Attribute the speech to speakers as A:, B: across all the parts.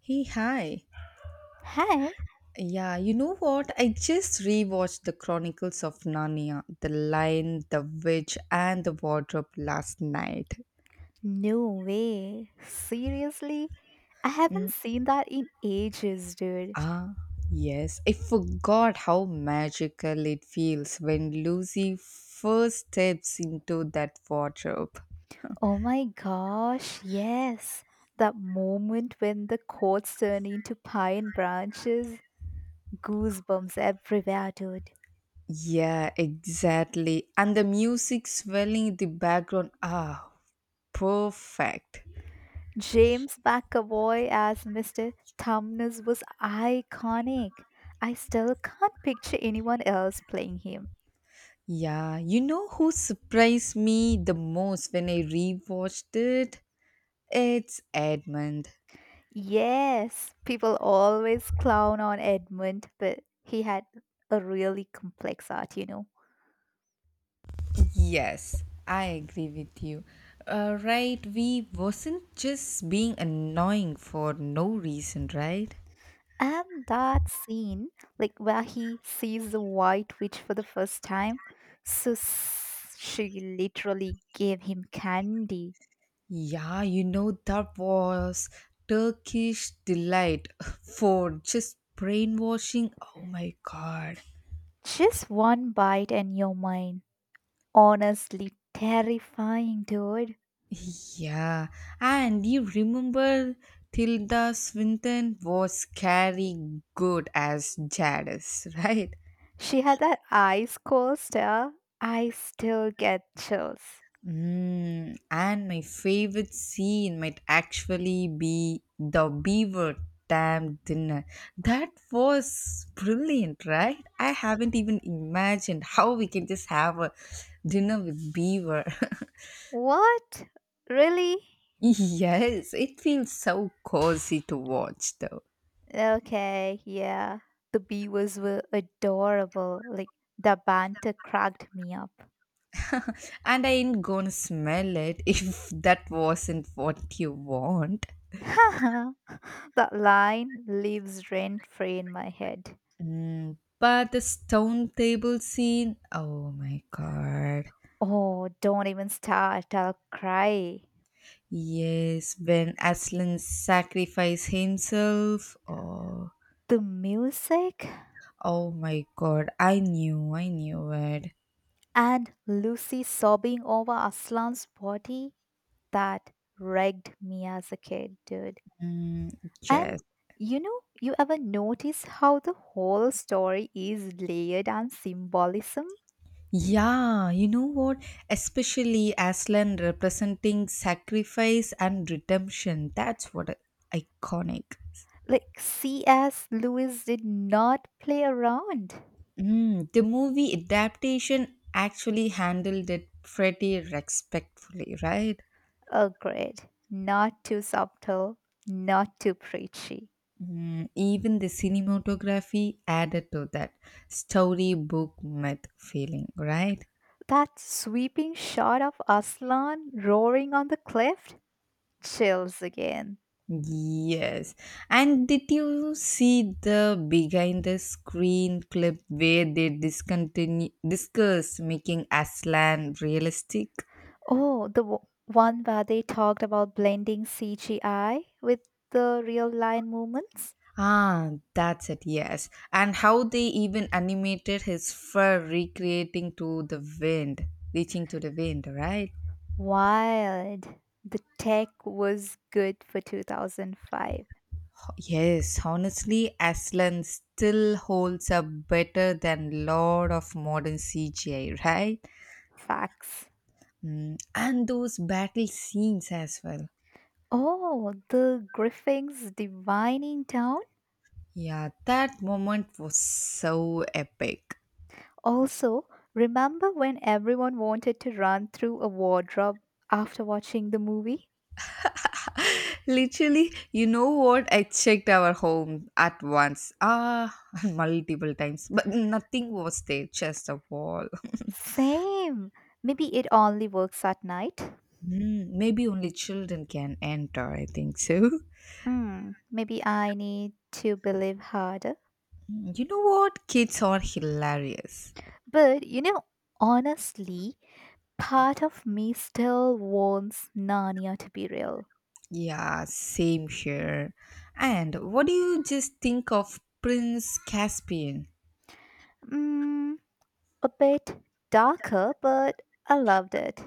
A: Hey, hi.
B: Hi?
A: Yeah, you know what? I just rewatched The Chronicles of Narnia, The Lion, The Witch, and The Wardrobe last night.
B: No way. Seriously? I haven't
A: Mm,
B: seen that in ages, dude.
A: Ah, yes. I forgot how magical it feels when Lucy first steps into that wardrobe.
B: Oh my gosh, yes. That moment when the courts turn into pine branches, goosebumps everywhere, dude.
A: Yeah, exactly. And the music swelling in the background. Perfect.
B: James McAvoy as Mr. Tumnus was iconic. I still can't picture anyone else playing him.
A: Yeah, you know who surprised me the most when I rewatched it? It's Edmund.
B: Yes, people always clown on Edmund, but he had a really complex art, you know.
A: Yes, I agree with you. Right, we wasn't just being annoying for no reason, right?
B: And that scene, like where he sees the White Witch for the first time, she literally gave him candy.
A: Yeah, you know that was Turkish delight for just brainwashing. Oh my god.
B: Just one bite and you're mine. Honestly, terrifying, dude.
A: Yeah, and you remember Tilda Swinton was scary good as Jadis, right?
B: She had that ice cold stare. I still get chills.
A: And my favorite scene might actually be the beaver dam dinner. That was brilliant, right? I haven't even imagined how we can just have a dinner with beaver.
B: What? Really?
A: Yes, it feels so cozy to watch though.
B: Okay, yeah. The beavers were adorable. Like, the banter cracked me up.
A: And I ain't gonna smell it if that wasn't what you want.
B: That line lives rent free in my head.
A: But the stone table scene, oh my god.
B: Oh, don't even start, I'll cry.
A: Yes, when Aslan sacrificed himself, oh,
B: The music
A: oh my god, I knew it.
B: and Lucy sobbing over Aslan's body, that wrecked me as a kid, dude.
A: Mm,
B: And
A: yes.
B: you know, you ever notice how the whole story is layered and symbolism?
A: Yeah, you know what? Especially Aslan representing sacrifice and redemption. That's what iconic.
B: Like C.S. Lewis did not play around.
A: The movie adaptation actually handled it pretty respectfully, right?
B: Agreed. Not too subtle, not too preachy.
A: Even the cinematography added to that storybook myth feeling, right?
B: That sweeping shot of Aslan roaring on the cliff? Chills again.
A: Yes. And did you see the behind the screen clip where they discontinue discussed making Aslan realistic?
B: Oh, the one where they talked about blending CGI with the real line movements?
A: That's it, yes. And how they even animated his fur recreating to the wind, reaching to the wind, right?
B: Wild. The tech was good for 2005.
A: Yes, honestly, Aslan still holds up better than lot of modern CGI, right?
B: Facts.
A: And those battle scenes as well.
B: Oh, the Griffins divining town?
A: Yeah, that moment was so epic.
B: Also, remember when everyone wanted to run through a wardrobe after watching the movie?
A: Literally, you know what? I checked our home at once, multiple times, but nothing was there, just a wall.
B: Same. Maybe it only works at night.
A: Maybe only children can enter, I think so.
B: Hmm, maybe I need to believe harder.
A: You know what? Kids are hilarious.
B: But you know, honestly, part of me still wants Narnia to be real.
A: Yeah, same here. And what do you just think of Prince Caspian?
B: Mm, a bit darker, but I loved it.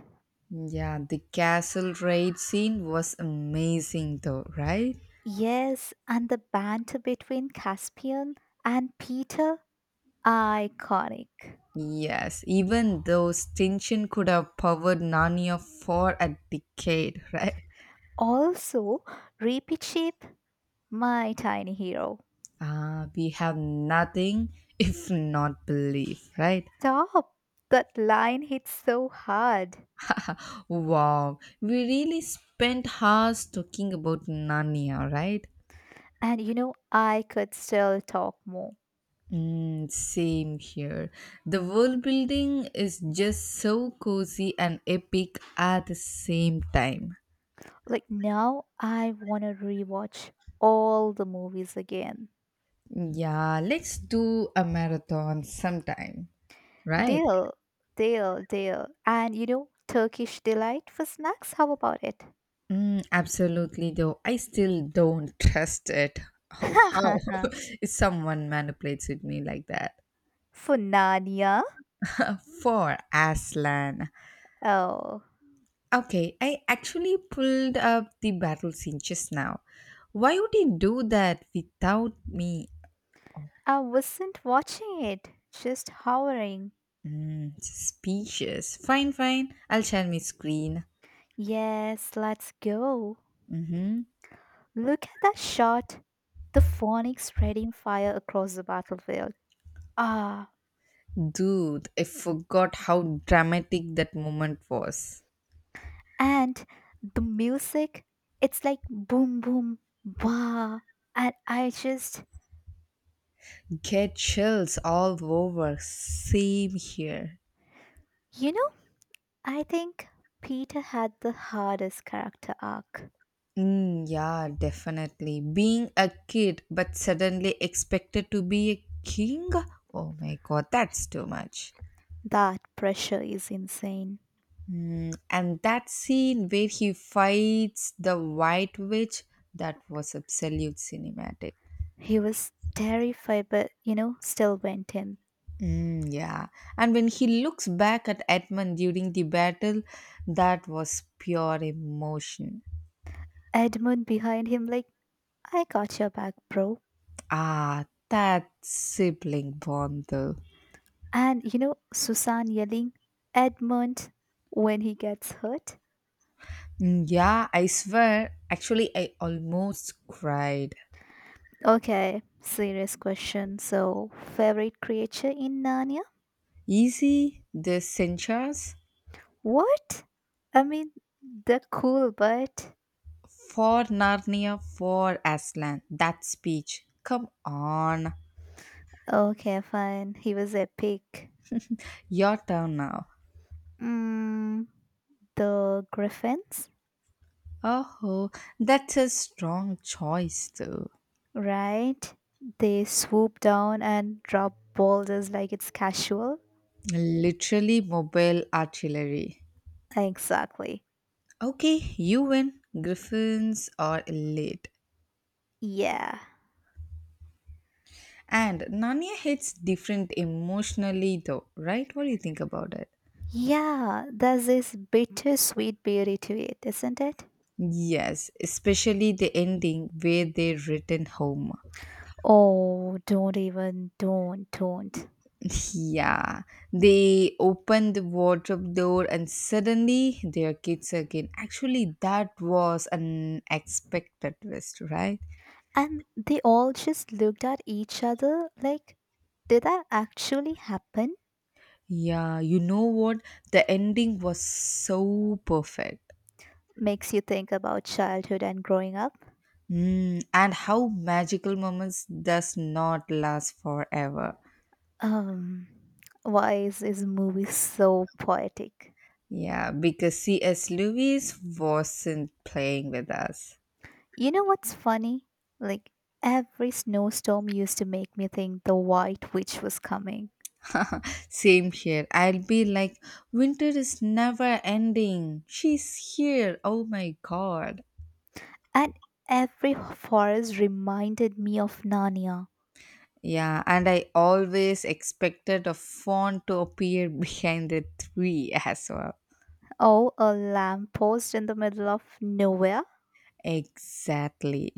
A: Yeah, the castle raid scene was amazing, though, right?
B: Yes, and the banter between Caspian and Peter, iconic.
A: Yes, even those tension could have powered Narnia for a decade, right?
B: Also, Repeat Sheep, my tiny hero.
A: We have nothing if not belief, right?
B: Stop! That line hits so hard.
A: Wow, we really spent hours talking about Narnia, right?
B: And you know, I could still talk more.
A: Mm, same here. The world building is just so cozy and epic at the same time.
B: Like now, I want to rewatch all the movies again.
A: Yeah, let's do a marathon sometime, right?
B: Deal, deal, deal. And you know, Turkish delight for snacks. How about it?
A: Mm, absolutely, though. I still don't trust it. How if someone manipulates with me like that?
B: For Nania.
A: For Aslan.
B: Oh.
A: Okay, I actually pulled up the battle scene just now. Why would he do that without me? Oh,
B: I wasn't watching it, just hovering.
A: suspicious. Fine, fine. I'll share my screen.
B: Yes, let's go.
A: Mm-hmm.
B: Look at that shot. The phonics spreading fire across the battlefield. Ah,
A: Dude, I forgot how dramatic that moment was.
B: and the music, it's like boom, boom, bah. And I just,
A: Get chills all over. Same here.
B: you know, I think Peter had the hardest character arc.
A: Mm, yeah, definitely. Being a kid but suddenly expected to be a king? Oh my god, that's too much.
B: That pressure is insane.
A: And that scene where he fights the White Witch, that was absolute cinematic.
B: He was terrified, but, you know, still went in.
A: Mm, yeah. And when he looks back at Edmund during the battle, that was pure emotion.
B: Edmund behind him, like, I got your back, bro.
A: Ah, that sibling bond though.
B: And you know, Susan yelling, Edmund, when he gets hurt?
A: Mm, yeah, I swear. Actually, I almost cried.
B: Okay, serious question. So, favorite creature in Narnia?
A: Easy, the censures
B: What? I mean, they're cool, but.
A: for Narnia for Aslan. That speech. Come on,
B: Okay, fine. He was epic.
A: your turn now.
B: Mm, the griffins,
A: Oh, that's a strong choice, though.
B: right? They swoop down and drop boulders like it's casual.
A: Literally mobile artillery.
B: Exactly.
A: Okay, you win. Griffins are elite.
B: Yeah.
A: And Narnia hits different emotionally, though, right? What do you think about it?
B: Yeah, there's this bittersweet beauty to it, isn't it?
A: Yes, especially the ending where they return home.
B: Oh, don't even, don't, don't.
A: Yeah, they open the wardrobe door and suddenly they are kids again. Actually, that was an expected twist, right?
B: And they all just looked at each other like, did that actually happen?
A: Yeah, you know what? The ending was so perfect.
B: Makes you think about childhood and growing up.
A: And how magical moments does not last forever.
B: Um, why is this movie so poetic?
A: Yeah, because C.S. Lewis wasn't playing with us.
B: You know what's funny? Like, every snowstorm used to make me think the White Witch was coming.
A: Same here. I'll be like, winter is never ending. She's here. Oh my god.
B: And every forest reminded me of Narnia.
A: Yeah, and I always expected a fawn to appear behind the tree as well.
B: Oh, a lamppost in the middle of nowhere?
A: Exactly.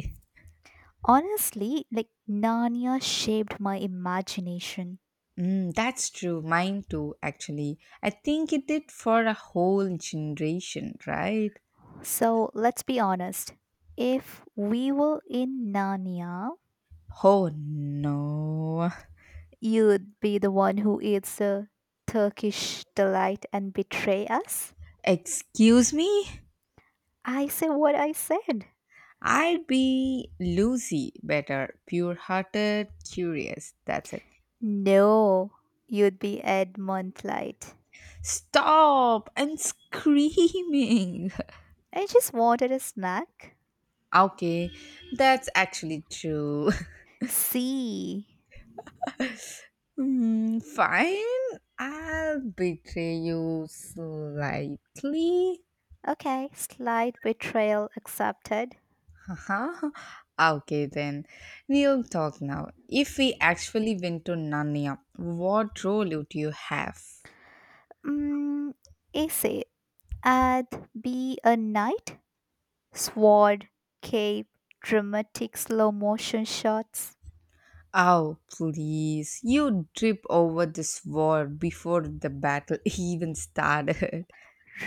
B: Honestly, like Narnia shaped my imagination.
A: That's true. Mine too, actually. I think it did for a whole generation, right?
B: So let's be honest. If we were in Narnia,
A: Oh no.
B: you'd be the one who eats a Turkish delight and betray us?
A: Excuse me?
B: I say what I said.
A: I'd be Lucy better, pure hearted, curious. That's it.
B: No, you'd be Edmund Light.
A: Stop! And screaming.
B: I just wanted a snack.
A: Okay, that's actually true.
B: See.
A: Fine, I'll betray you slightly.
B: Okay, slight betrayal accepted.
A: Haha. Okay, then we'll talk now. If we actually went to Narnia, what role would you have?
B: Mm, essay. Add be a knight, sword, cape, dramatic slow motion shots.
A: Oh, please, you trip over this war before the battle even started.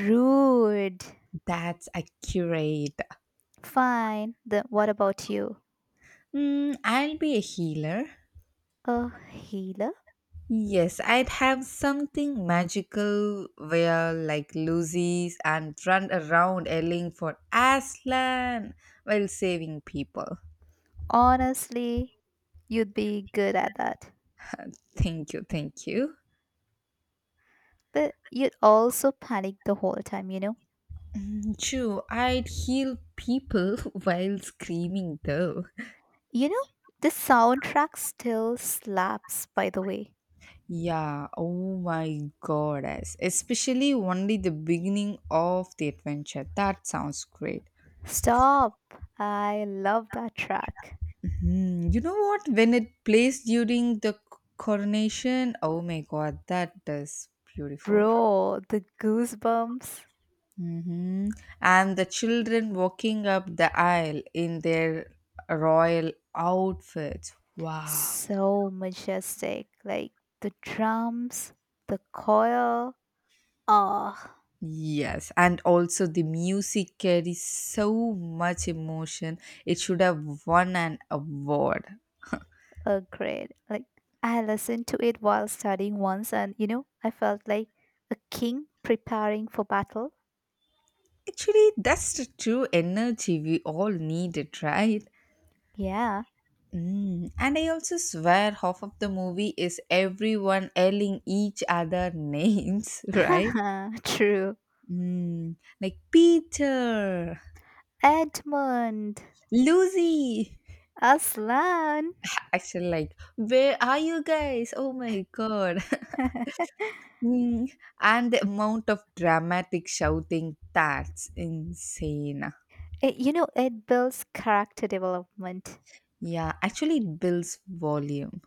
B: Rude.
A: That's accurate.
B: Fine. Then what about you?
A: I'll be a healer.
B: A healer?
A: Yes, I'd have something magical where like Lucy's and run around yelling for Aslan while saving people.
B: Honestly, you'd be good at that.
A: Thank you, thank you.
B: But you'd also panic the whole time, you know?
A: True, I'd heal people while screaming though.
B: You know, the soundtrack still slaps, by the way.
A: Yeah, oh my goddess. Especially only the beginning of the adventure. That sounds great.
B: Stop. I love that track.
A: You know what? When it plays during the coronation, oh my god, that is beautiful.
B: Bro, the goosebumps.
A: hmm And the children walking up the aisle in their royal outfits. Wow.
B: So majestic. Like the drums, the choir. Ah,
A: Yes, and also the music carries so much emotion. It should have won an award.
B: a great. Like I listened to it while studying once, and you know, I felt like a king preparing for battle.
A: Actually, that's the true energy we all needed, right?
B: Yeah,
A: Mm. And I also swear half of the movie is everyone yelling each other names, right?
B: true.
A: Mm. Like Peter,
B: Edmund,
A: Lucy.
B: Aslan.
A: Actually, like, where are you guys? Oh my god. Mm. And the amount of dramatic shouting, that's insane.
B: You know, it builds character development.
A: Yeah, actually, it builds volume.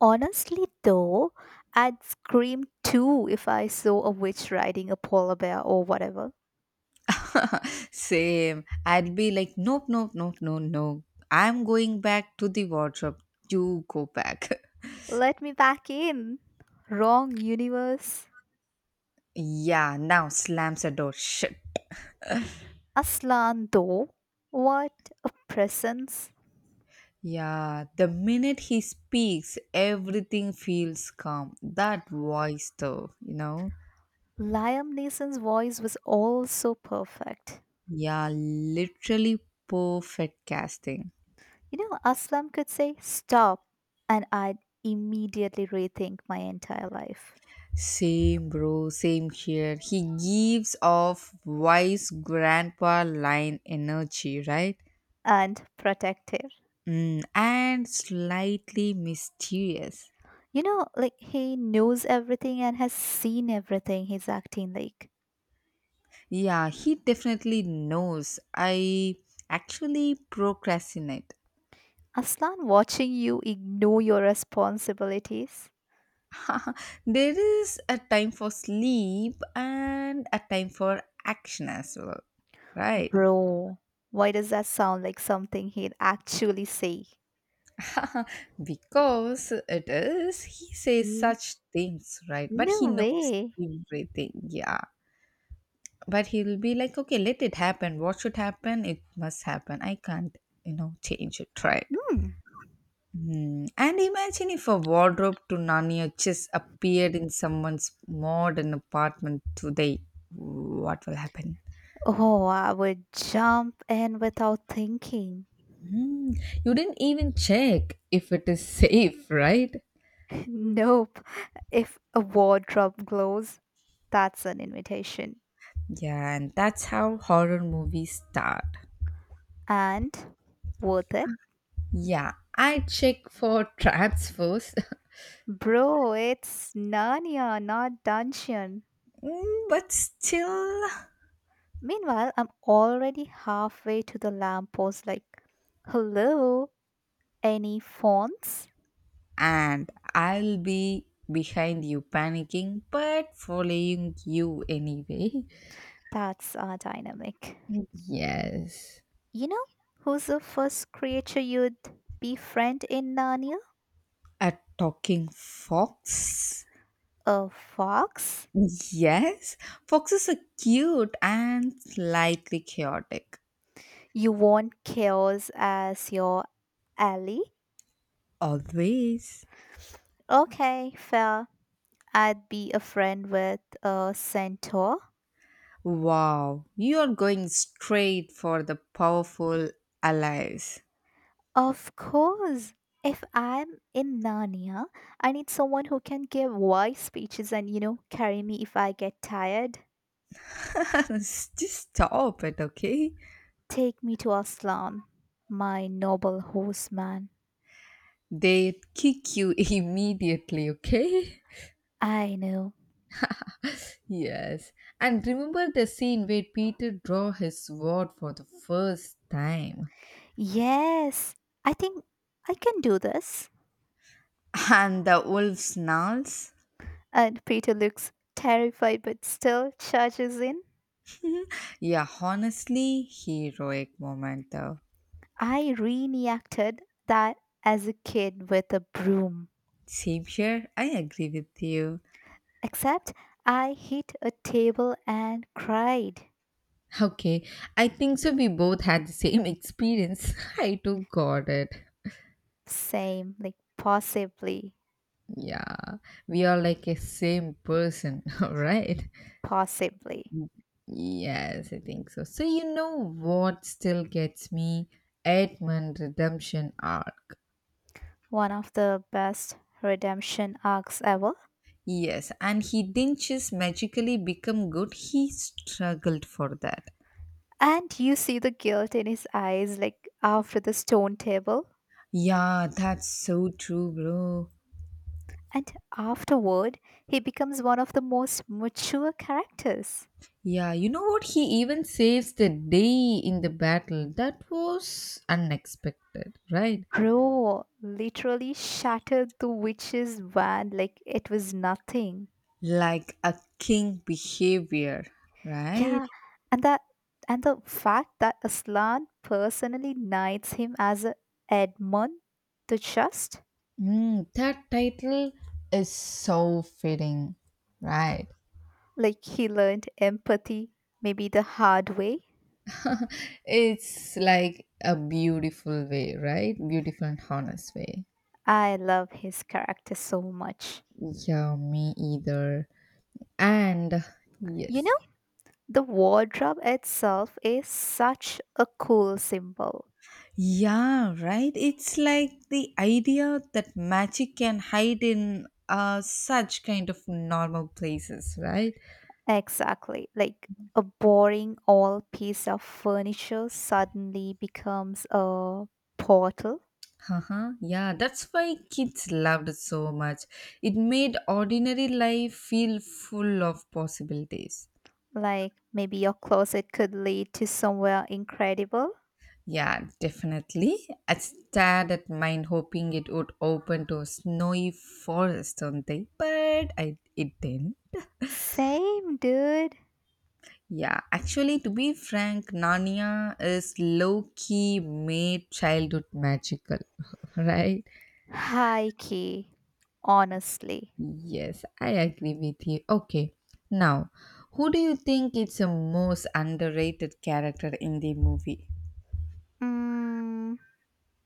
B: Honestly, though, I'd scream too if I saw a witch riding a polar bear or whatever.
A: Same. I'd be like, nope, nope, nope, no, no. I'm going back to the wardrobe. You go back.
B: Let me back in. Wrong universe.
A: Yeah, now slams the door. Shit.
B: Aslan, though. What a presence.
A: Yeah, the minute he speaks, everything feels calm. That voice, though, you know?
B: Liam Neeson's voice was also perfect.
A: Yeah, literally perfect casting.
B: You know, Aslam could say, Stop, and I'd immediately rethink my entire life
A: Same, bro, same here. He gives off wise grandpa line energy, right?
B: and protect her.
A: And slightly mysterious.
B: You know, like he knows everything and has seen everything he's acting like.
A: Yeah, he definitely knows. I actually procrastinate.
B: Aslan watching you ignore your responsibilities.
A: There is a time for sleep and a time for action as well. Right.
B: Bro, why does that sound like something he'd actually say?
A: Because it is, he says
B: Mm,
A: such things, right? But
B: no
A: he knows
B: way.
A: everything. Yeah. But he'll be like, okay, let it happen. What should happen? It must happen. I can't, change it, right?
B: Hmm.
A: And imagine if a wardrobe to Narnia just appeared in someone's modern apartment today. What will happen?
B: Oh, I would jump in without thinking.
A: Hmm, You didn't even check if it is safe, right?
B: Nope. If a wardrobe glows, that's an invitation.
A: Yeah, and that's how horror movies start.
B: And worth it?
A: Yeah, I check for traps first.
B: Bro, it's Narnia, not dungeon.
A: But still,
B: Meanwhile, I'm already halfway to the lamppost, like, hello, any fonts?
A: and I'll be behind you panicking but following you anyway.
B: That's dynamic.
A: Yes.
B: You know who's the first creature you'd befriend in Narnia?
A: A talking fox?
B: A fox?
A: Yes, foxes are cute and slightly chaotic.
B: You want chaos as your ally?
A: Always.
B: Okay, fair. I'd be a friend with a centaur.
A: Wow, you are going straight for the powerful allies.
B: Of course. If I'm in Narnia, I need someone who can give wise speeches and, you know, carry me if I get tired.
A: Just stop it, okay?
B: Take me to Aslan, my noble horseman.
A: They kick you immediately, okay?
B: I know.
A: Yes. And remember the scene where Peter draw his sword for the first time.
B: Yes, I think I can do this.
A: And the wolf snarls.
B: And Peter looks terrified but still charges in.
A: Yeah, honestly, heroic moment though.
B: I reenacted that as a kid with a broom,
A: Same here, I agree with you.
B: except I hit a table and cried.
A: Okay, I think so. We both had the same experience. I too got it.
B: Same, like possibly,
A: Yeah, we are like a same person, alright?
B: possibly.
A: Yes, I think so. So, you know what still gets me? Edmund Redemption arc.
B: One of the best redemption arcs ever.
A: Yes, and he didn't just magically become good, he struggled for that.
B: And you see the guilt in his eyes, like after the stone table.
A: Yeah, that's so true, bro.
B: And afterward, he becomes one of the most mature characters.
A: Yeah, you know what? He even saves the day in the battle. That was unexpected, right?
B: Bro literally shattered the witch's van like it was nothing.
A: Like a king behavior, right?
B: Yeah, and that and the fact that Aslan personally knights him as a Edmund the Just,
A: That title is so fitting, right?
B: like he learned empathy maybe the hard way.
A: It's like a beautiful way, right? Beautiful and honest way.
B: I love his character so much.
A: Yeah, me either. And
B: You
A: yes,
B: know, the wardrobe itself is such a cool symbol.
A: yeah, right. It's like the idea that magic can hide in such kind of normal places, right?
B: Exactly. Like a boring old piece of furniture suddenly becomes a portal.
A: Uh-huh. Yeah, that's why kids loved it so much. It made ordinary life feel full of possibilities.
B: Like maybe your closet could lead to somewhere incredible.
A: Yeah, definitely. I stared at mine hoping it would open to a snowy forest someday, but it didn't.
B: Same, dude.
A: Yeah, actually, to be frank, Narnia is low key made childhood magical, right?
B: High key. Honestly.
A: Yes, I agree with you. Okay, now, who do you think is the most underrated character in the movie?
B: Mm,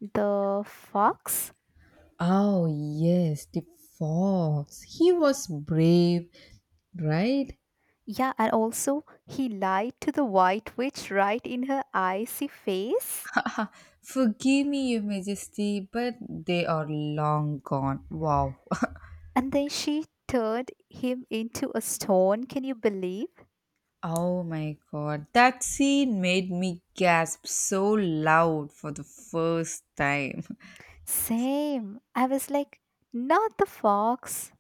B: the fox?
A: Oh, yes, the fox. He was brave, right?
B: Yeah, and also he lied to the white witch right in her icy face.
A: Forgive me, Your Majesty, but they are long gone. Wow.
B: And then she turned him into a stone. Can you believe?
A: Oh my god, that scene made me gasp so loud for the first time.
B: Same. I was like, not the fox.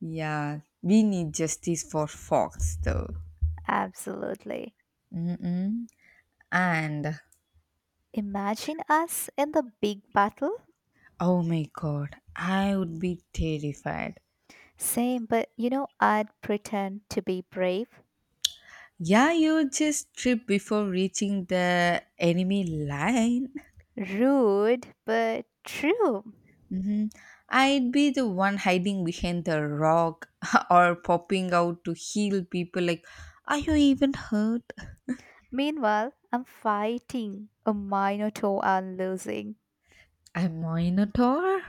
A: Yeah, we need justice for Fox though.
B: Absolutely.
A: Mm-mm. And
B: Imagine us in the big battle.
A: oh my god, I would be terrified.
B: Same, but you know, I'd pretend to be brave,
A: Yeah, you just trip before reaching the enemy line.
B: rude, but true.
A: hmm I'd be the one hiding behind the rock or popping out to heal people like, are you even hurt?
B: Meanwhile, I'm fighting a minotaur and losing.
A: A minotaur?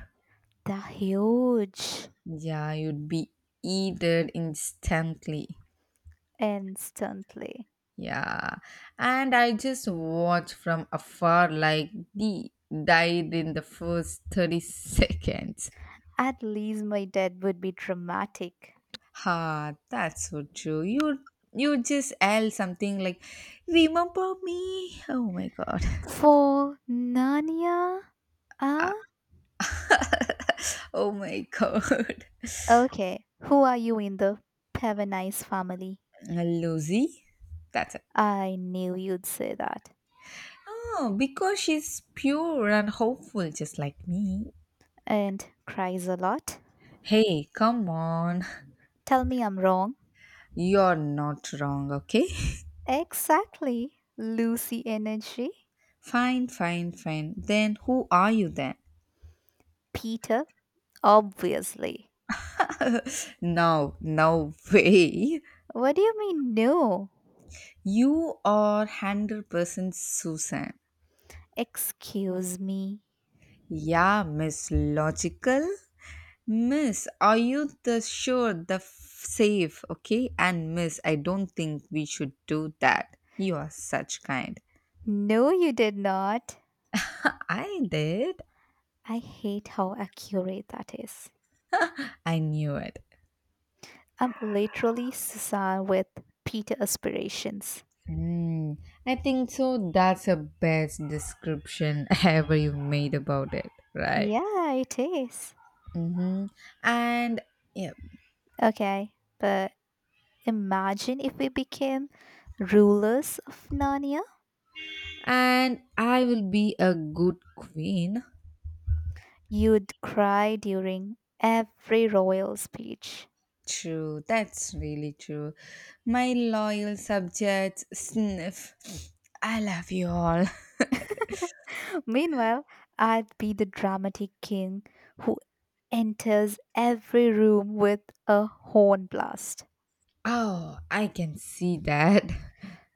B: They're huge.
A: Yeah, you'd be eaten instantly.
B: Instantly.
A: Yeah. And I just watched from afar like the died in the first 30 seconds.
B: At least my death would be dramatic.
A: Ha, that's so true. You just yell something like remember me. Oh my god.
B: For Narnia,
A: Ah, oh my god.
B: okay, who are you in the Pavanice family?
A: Lucy? That's it.
B: I knew you'd say that.
A: Oh, because she's pure and hopeful just like me.
B: And cries a lot.
A: Hey, come on.
B: Tell me I'm wrong.
A: You're not wrong, okay?
B: Exactly. Lucy energy.
A: Fine, fine, fine. Then who are you then?
B: Peter, obviously.
A: No, no way.
B: What do you mean, no?
A: You are 100% Susan.
B: Excuse me.
A: Yeah, Miss Logical. Miss, are you the sure, the safe, okay? And Miss, I don't think we should do that. You are such kind.
B: No, you did not.
A: I did.
B: I hate how accurate that is.
A: I knew it.
B: I'm literally Cesar with Peter aspirations.
A: Mm, I think so. That's the best description ever you made about it, right?
B: Yeah, it is.
A: Mm-hmm. And yeah,
B: Okay, but imagine if we became rulers of Narnia.
A: and I will be a good queen.
B: You'd cry during every royal speech.
A: True, that's really true. My loyal subjects sniff. I love you all.
B: Meanwhile, I'd be the dramatic king who enters every room with a horn blast.
A: Oh, I can see that.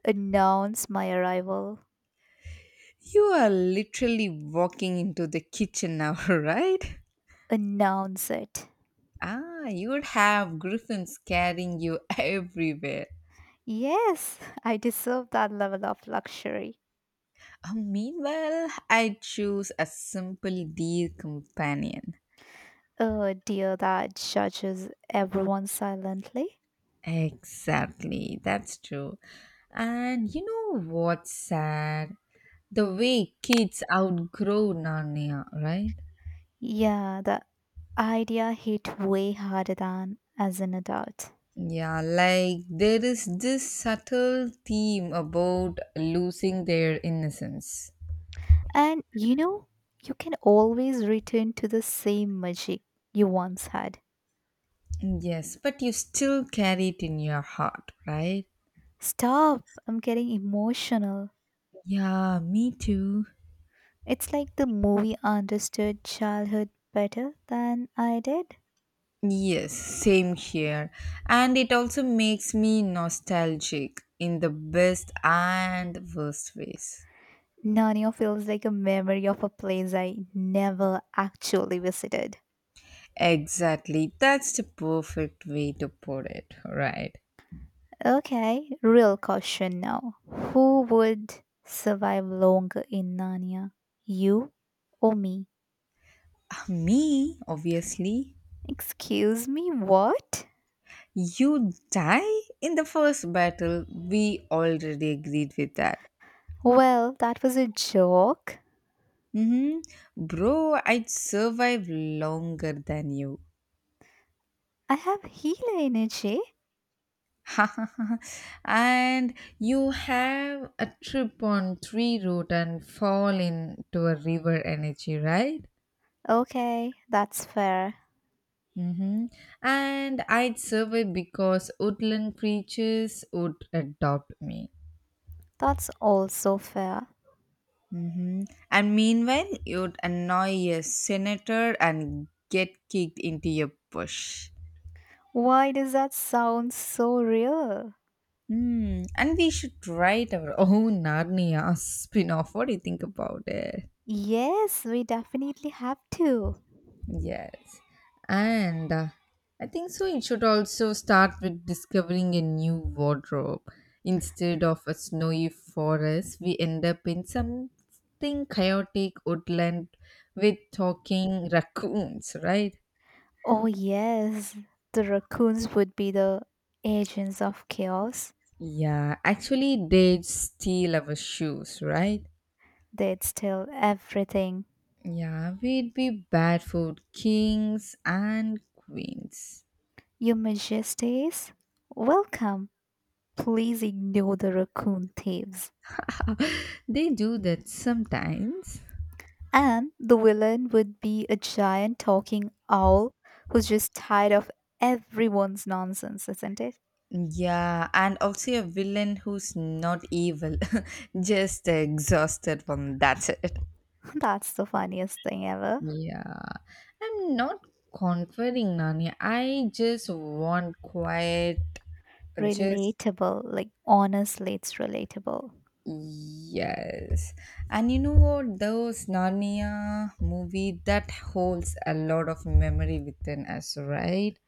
B: Announce my arrival.
A: You are literally walking into the kitchen now, right?
B: Announce it.
A: You would have griffins carrying you everywhere.
B: Yes, I deserve that level of luxury.
A: Meanwhile, I choose a simple dear companion.
B: Oh dear, that judges everyone silently.
A: Exactly, that's true. And you know what's sad? The way kids outgrow Narnia, right?
B: Yeah, the idea hit way harder than as an adult.
A: Yeah, like there is this subtle theme about losing their innocence.
B: And you know, you can always return to the same magic you once had.
A: Yes, but you still carry it in your heart, right?
B: Stop, I'm getting emotional.
A: Yeah, me too.
B: It's like the movie understood childhood better than I did.
A: Yes, same here. And it also makes me nostalgic in the best and worst ways.
B: Narnia feels like a memory of a place I never actually visited.
A: Exactly. That's the perfect way to put it, right?
B: Okay, real question now. Who would survive longer in Narnia? You or me?
A: Me, obviously.
B: Excuse me, what?
A: You die in the first battle. We already agreed with that.
B: Well, that was a joke.
A: Mm-hmm. Bro, I'd survive longer than you.
B: I have healer energy.
A: And you have a trip on tree route and fall into a river energy, right?
B: Okay, that's fair.
A: Mm-hmm. And I'd survive because woodland creatures would adopt me.
B: That's also fair.
A: Mm-hmm. And meanwhile, you'd annoy a senator and get kicked into a bush.
B: Why does that sound so real?
A: Hmm. And we should write our own Narnia spin off. What do you think about it?
B: Yes, we definitely have to.
A: Yes. And I think so. It should also start with discovering a new wardrobe. Instead of a snowy forest, we end up in something chaotic woodland with talking raccoons, right?
B: Oh, yes, the raccoons would be the agents of chaos.
A: Yeah, actually, they'd steal our shoes, right?
B: They'd steal everything.
A: Yeah, we'd be barefoot kings and queens.
B: Your Majesties, welcome. Please ignore the raccoon thieves.
A: They do that sometimes.
B: And the villain would be a giant talking owl who's just tired of everyone's nonsense, isn't it?
A: Yeah, and also a villain who's not evil, just exhausted one. That's it.
B: That's the funniest thing ever.
A: Yeah, I'm not conquering Nani. I just want quiet. Just
B: Relatable. Like, honestly, it's relatable.
A: yes. And you know what? Those Narnia movie that holds a lot of memory within us, right?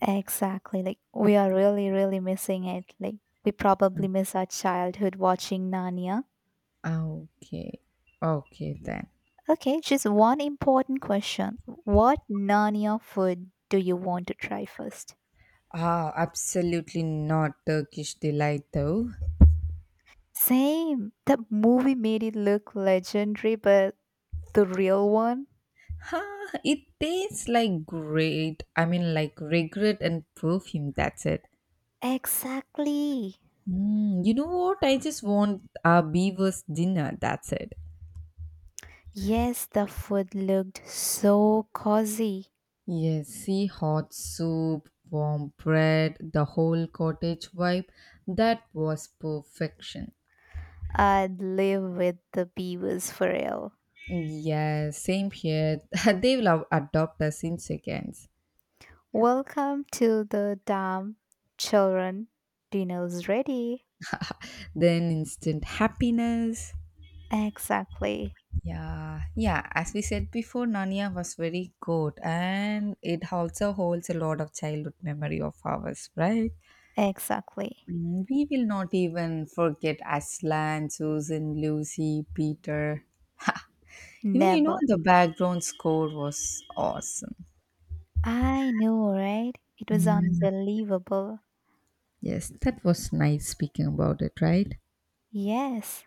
B: Exactly. Like, we are really, really missing it. Like, we probably miss our childhood watching Narnia.
A: Okay. Okay then.
B: Okay, just one important question. What Narnia food do you want to try first?
A: Absolutely not Turkish delight though.
B: Same. That movie made it look legendary, but the real one?
A: Huh, it tastes like great. I mean, like regret and perfume. That's it.
B: Exactly.
A: You know what? I just want a beaver's dinner. That's it.
B: Yes, the food looked so cozy.
A: Yes, see hot soup, warm bread, the whole cottage vibe. That was perfection.
B: I'd live with the beavers for real.
A: Yes. Same here. They will have adopt us in seconds.
B: Welcome to the dam, children. Dinner's ready.
A: Then instant happiness.
B: Exactly.
A: Yeah, yeah. As we said before, Narnia was very good, and it also holds a lot of childhood memory of ours, right?
B: Exactly.
A: We will not even forget Aslan, Susan, Lucy, Peter. Ha! Even you know
B: Never.
A: the background score was awesome.
B: I know, right? It was unbelievable.
A: Yes, that was nice speaking about it, right?
B: Yes.